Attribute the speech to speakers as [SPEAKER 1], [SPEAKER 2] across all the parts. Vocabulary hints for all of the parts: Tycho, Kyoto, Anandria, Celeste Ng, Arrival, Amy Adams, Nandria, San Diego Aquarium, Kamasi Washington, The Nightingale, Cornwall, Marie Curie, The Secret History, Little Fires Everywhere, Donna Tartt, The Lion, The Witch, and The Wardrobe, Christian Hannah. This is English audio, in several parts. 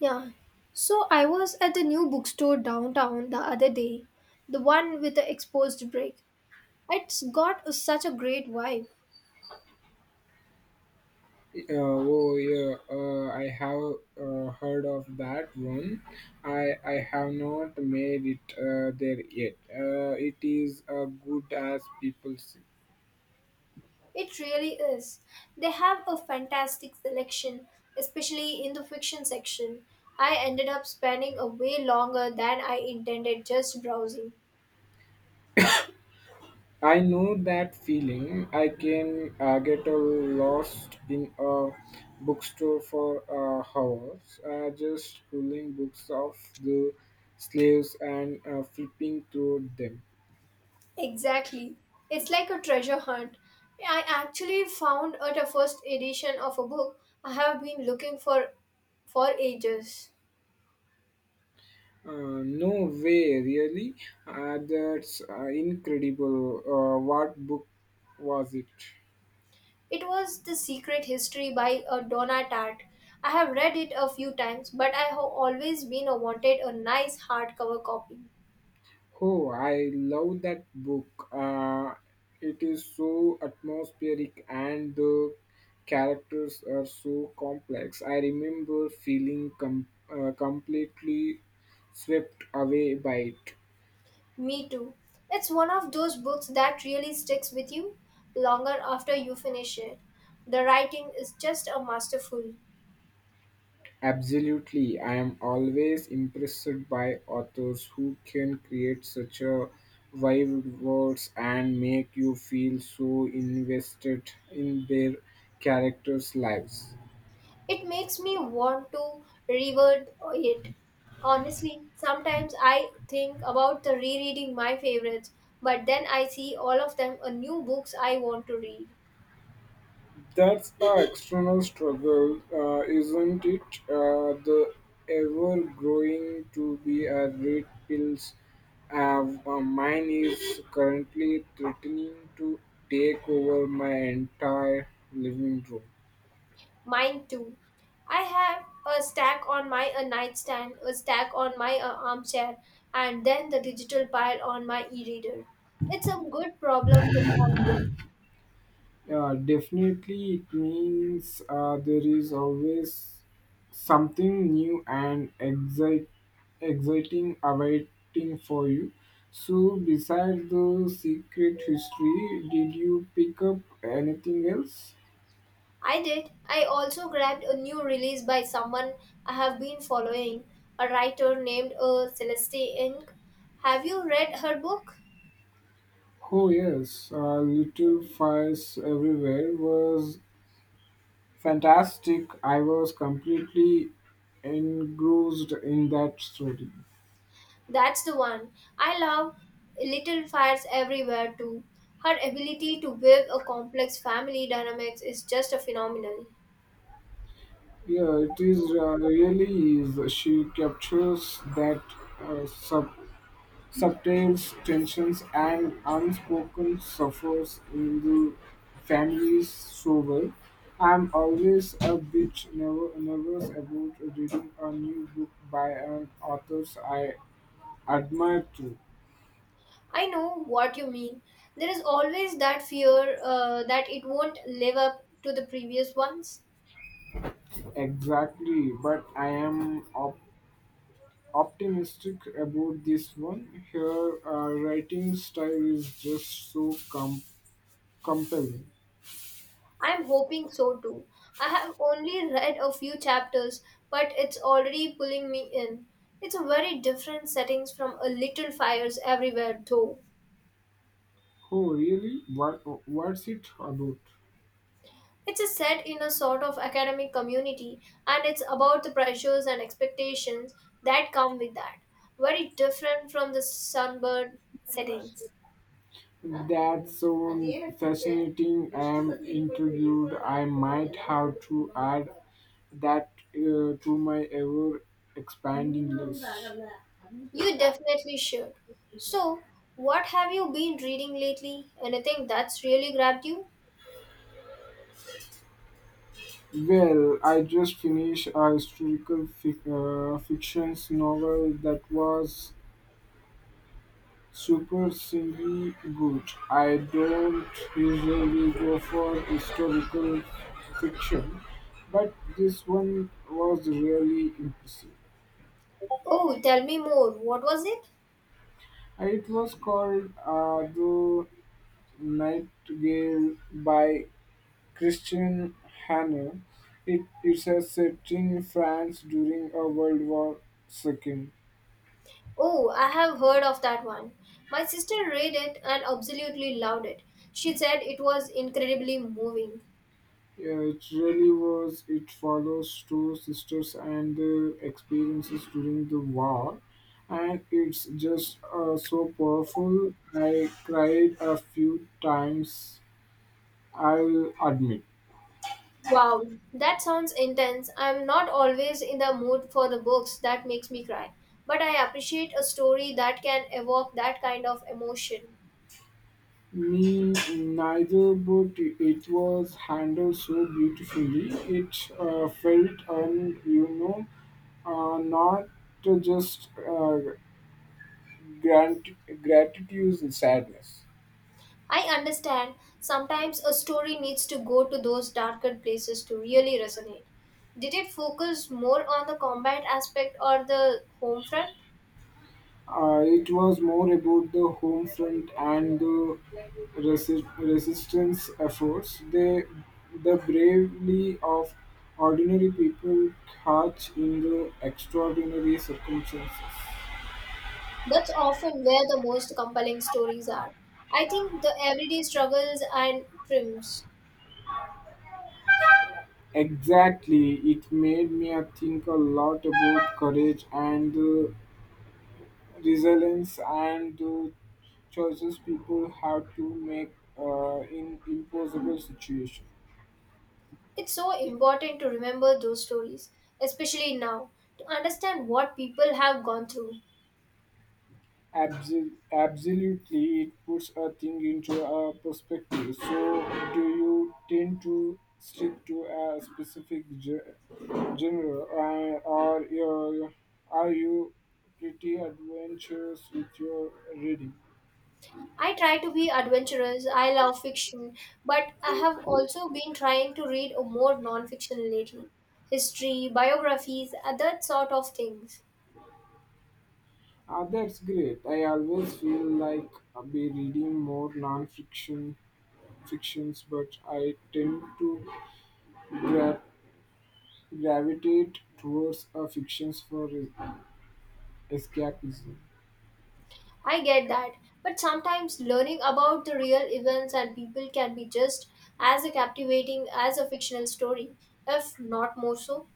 [SPEAKER 1] Yeah. So I was at the new bookstore downtown the other day, the one with the exposed brick. It's got such a great vibe.
[SPEAKER 2] Oh yeah, I have heard of that one. I have not made it there yet. It is good as people say.
[SPEAKER 1] It really is. They have a fantastic selection, especially in the fiction section. I ended up spending a way longer than I intended just browsing.
[SPEAKER 2] I know that feeling. I can get lost in a bookstore for hours, just pulling books off the slaves and flipping through them.
[SPEAKER 1] Exactly. It's like a treasure hunt. I actually found out a first edition of a book I have been looking for ages.
[SPEAKER 2] No way, really? That's incredible. What book was it?
[SPEAKER 1] It was The Secret History by Donna Tartt. I have read it a few times, but I have always been wanted a nice hardcover copy.
[SPEAKER 2] Oh, I love that book. It is so atmospheric and the characters are so complex. I remember feeling completely swept away by it.
[SPEAKER 1] Me too. It's one of those books that really sticks with you longer after you finish it. The writing is just a masterful.
[SPEAKER 2] Absolutely, I am always impressed by authors who can create such a vivid worlds and make you feel so invested in their characters' lives.
[SPEAKER 1] It makes me want to reword it. Honestly, sometimes I think about the rereading my favorites, but then I see all of them are new books I want to read.
[SPEAKER 2] That's the external struggle, isn't it? The ever growing to be a red pills. Mine is currently threatening to take over my entire living room.
[SPEAKER 1] Mine too. I have a stack on my nightstand, a stack on my armchair, and then the digital pile on my e reader. It's a good problem to have. Though.
[SPEAKER 2] Yeah, definitely, it means there is always something new and exciting awaiting for you. So, besides the secret history, did you pick up anything else?
[SPEAKER 1] I did. I also grabbed a new release by someone I have been following, a writer named Celeste Ng. Have you read her book?
[SPEAKER 2] Oh, yes, Little Fires Everywhere was fantastic. I was completely engrossed in that story.
[SPEAKER 1] That's the one. I love Little Fires Everywhere too. Her ability to weave a complex family dynamics is just a phenomenal.
[SPEAKER 2] Yeah, it is really is. She captures that uh, sub, subtle tensions and unspoken suffers in the families so well. I'm always a bit nervous about reading a new book by an author I admire too.
[SPEAKER 1] I know what you mean. There is always that fear that it won't live up to the previous ones.
[SPEAKER 2] Exactly, but I am optimistic about this one. Her writing style is just so compelling.
[SPEAKER 1] I'm hoping so too. I have only read a few chapters, but it's already pulling me in. It's a very different settings from A Little Fires Everywhere though.
[SPEAKER 2] Oh, really? What's it about?
[SPEAKER 1] It's a set in a sort of academic community and it's about the pressures and expectations that come with that. Very different from the sunburned settings.
[SPEAKER 2] That's so fascinating. I'm intrigued. I might have to add that to my ever expanding list.
[SPEAKER 1] You definitely should. So, what have you been reading lately? Anything that's really grabbed you?
[SPEAKER 2] Well, I just finished a historical fiction novel that was surprisingly good. I don't usually go for historical fiction, but this one was really impressive.
[SPEAKER 1] Oh, tell me more. What was it?
[SPEAKER 2] It was called The Nightingale by Christian Hannah. It's a set in France during a World War II.
[SPEAKER 1] Oh, I have heard of that one. My sister read it and absolutely loved it. She said it was incredibly moving.
[SPEAKER 2] Yeah, it really was. It follows two sisters and their experiences during the war, and it's just so powerful. I cried a few times. I'll admit.
[SPEAKER 1] Wow, that sounds intense. I'm not always in the mood for the books that makes me cry, but I appreciate a story that can evoke that kind of emotion.
[SPEAKER 2] Me neither, but it was handled so beautifully. It felt and not just grant gratitude and sadness.
[SPEAKER 1] I understand sometimes a story needs to go to those darker places to really resonate. Did it focus more on the combat aspect or the home front?
[SPEAKER 2] It was more about the home front and the resistance efforts. The bravery of ordinary people caught in the extraordinary circumstances.
[SPEAKER 1] That's often where the most compelling stories are. I think the everyday struggles and triumphs.
[SPEAKER 2] Exactly, it made me think a lot about courage and the resilience and the choices people have to make in impossible situations.
[SPEAKER 1] It's so important to remember those stories, especially now, to understand what people have gone through.
[SPEAKER 2] Absolutely, it puts a thing into a perspective. So, do you tend to stick to a specific genre, are you pretty adventurous with your reading?
[SPEAKER 1] I try to be adventurous. I love fiction, but I have also been trying to read more non-fiction lately. History, biographies, that sort of things.
[SPEAKER 2] Ah, that's great. I always feel like I'll be reading more non-fiction fictions, but I tend to gra- gravitate towards a fictions for escapism.
[SPEAKER 1] I get that, but sometimes learning about the real events and people can be just as captivating as a fictional story, if not more so.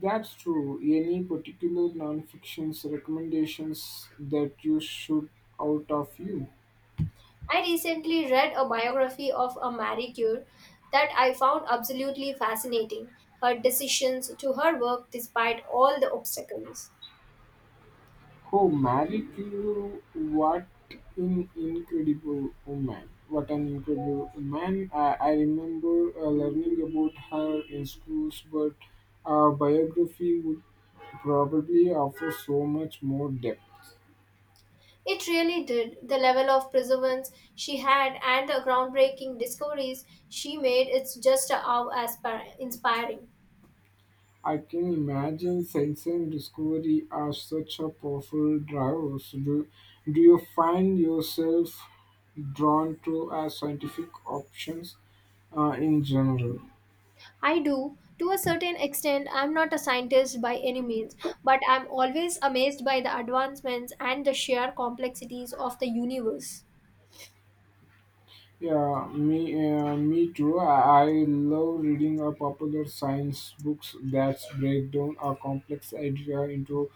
[SPEAKER 2] That's true. Any particular non-fiction's recommendations that you should out of you?
[SPEAKER 1] I recently read a biography of a Marie Curie that I found absolutely fascinating. Her decisions to her work despite all the obstacles.
[SPEAKER 2] Oh, Mary Curie, what an incredible woman! What an incredible woman! I remember learning about her in schools, but a biography would probably offer so much more depth.
[SPEAKER 1] It really did. The level of perseverance she had and the groundbreaking discoveries she made, it's just inspiring.
[SPEAKER 2] I can imagine science and discovery are such a powerful drivers. Do you find yourself drawn to scientific options in general?
[SPEAKER 1] I do. To a certain extent, I'm not a scientist by any means, but I'm always amazed by the advancements and the sheer complexities of the universe.
[SPEAKER 2] Yeah, me, me too. I love reading popular science books that break down a complex idea into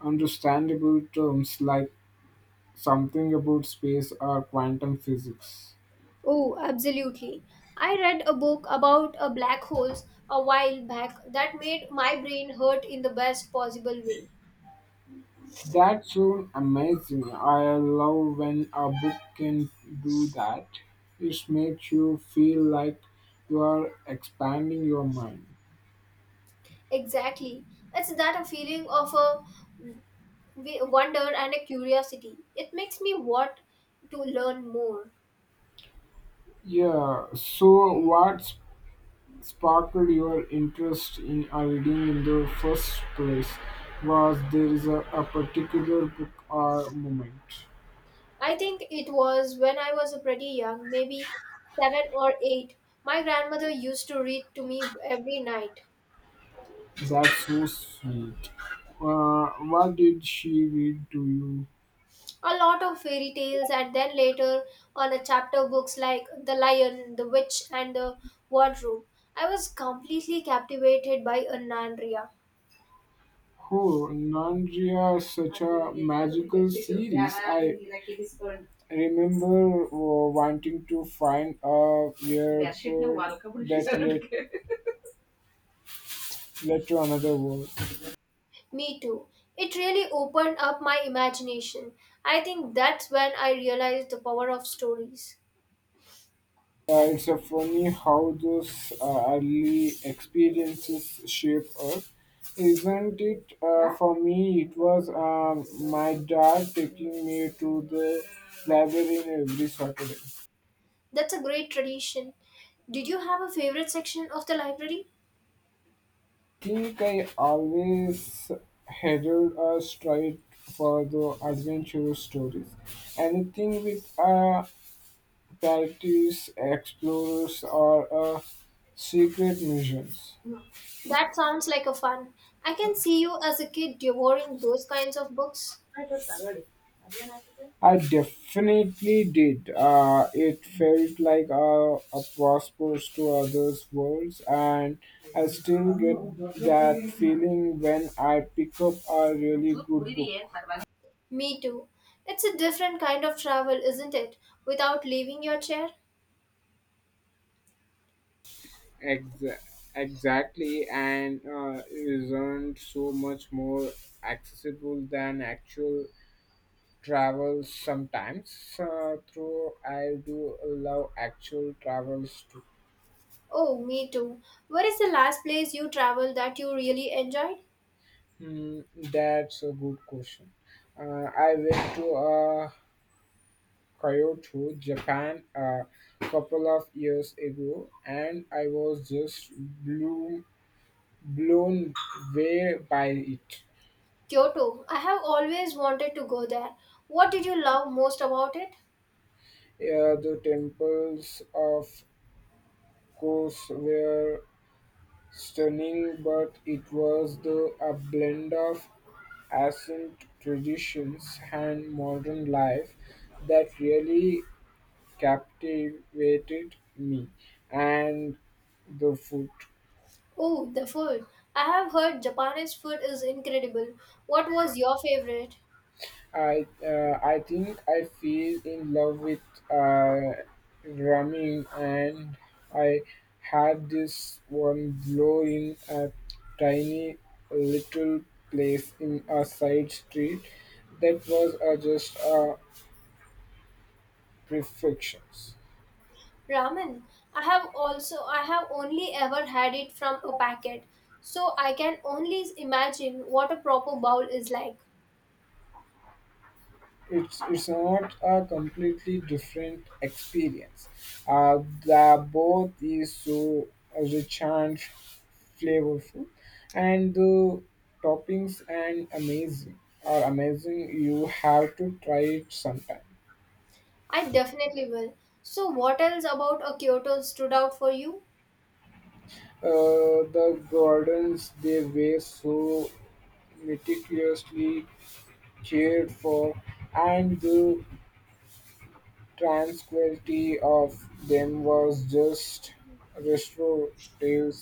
[SPEAKER 2] understandable terms, like something about space or quantum physics.
[SPEAKER 1] Oh, absolutely. I read a book about a black holes a while back that made my brain hurt in the best possible way.
[SPEAKER 2] That sound amazing. I love when a book can do that. It makes you feel like you are expanding your mind.
[SPEAKER 1] Exactly. It's that a feeling of a we wonder and a curiosity. It makes me want to learn more.
[SPEAKER 2] Yeah, so what sparked your interest in reading in the first place? Was there is a particular book or moment?
[SPEAKER 1] I think it was when I was pretty young, maybe seven or eight. My grandmother used to read to me every night
[SPEAKER 2] That's so sweet. What did she read to you?
[SPEAKER 1] a lot of fairy tales, and then later on a chapter books like The Lion, The Witch, and The Wardrobe. I was completely captivated by Anandria.
[SPEAKER 2] Oh, Nandria, such a magical series. I remember wanting to find a weird that led to another world.
[SPEAKER 1] Me too. It really opened up my imagination. I think that's when I realized the power of stories.
[SPEAKER 2] It's a funny how those early experiences shape us. Isn't it? For me, it was my dad taking me to the library every Saturday.
[SPEAKER 1] That's a great tradition. Did you have a favorite section of the library?
[SPEAKER 2] Think I always headed straight for the adventure stories. Anything with pirates, explorers, or secret missions.
[SPEAKER 1] That sounds like a fun. I can see you as a kid devouring those kinds of books.
[SPEAKER 2] I definitely did. It felt like a passport to others' worlds, and I still get that feeling when I pick up a really good book.
[SPEAKER 1] Me too. It's a different kind of travel, isn't it? Without leaving your chair?
[SPEAKER 2] Exa- exactly, and isn't so much more accessible than actual travels sometimes. Though I do love actual travels too.
[SPEAKER 1] Oh, me too. Where is the last place you traveled that you really enjoyed?
[SPEAKER 2] Hmm, that's a good question. I went to Kyoto, Japan, a couple of years ago, and I was just blown away by it.
[SPEAKER 1] Kyoto. I have always wanted to go there. What did you love most about it?
[SPEAKER 2] The temples of course were stunning, but it was a blend of ancient traditions and modern life that really captivated me. And the food.
[SPEAKER 1] Oh, the food. I have heard Japanese food is incredible. What was your favorite?
[SPEAKER 2] I think I feel in love with uh, drumming, and I had this one blow in a tiny little place in a side street that was just perfection.
[SPEAKER 1] Ramen. I have only ever had it from a packet, so I can only imagine what a proper bowl is like.
[SPEAKER 2] It's not a completely different experience. Uh, the both is so rich and flavorful, and the toppings and amazing are amazing. You have to try it sometime.
[SPEAKER 1] I definitely will. So what else about a Kyoto stood out for you?
[SPEAKER 2] The gardens they were so meticulously cared for, and the tranquility of them was just restorative.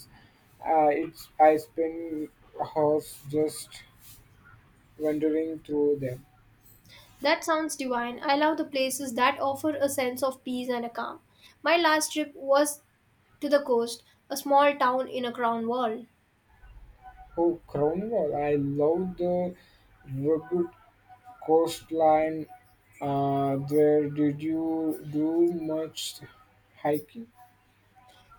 [SPEAKER 2] I spent hours just wandering through them.
[SPEAKER 1] That sounds divine. I love the places that offer a sense of peace and a calm. My last trip was to the coast, a small town in a crown world.
[SPEAKER 2] Oh, Cornwall! I love the rugged coastline. Did you do much hiking?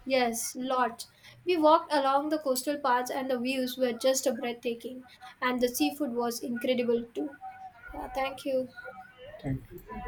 [SPEAKER 1] Yes, lots. We walked along the coastal paths and the views were just breathtaking. And the seafood was incredible too. Yeah, thank you.
[SPEAKER 2] Thank you.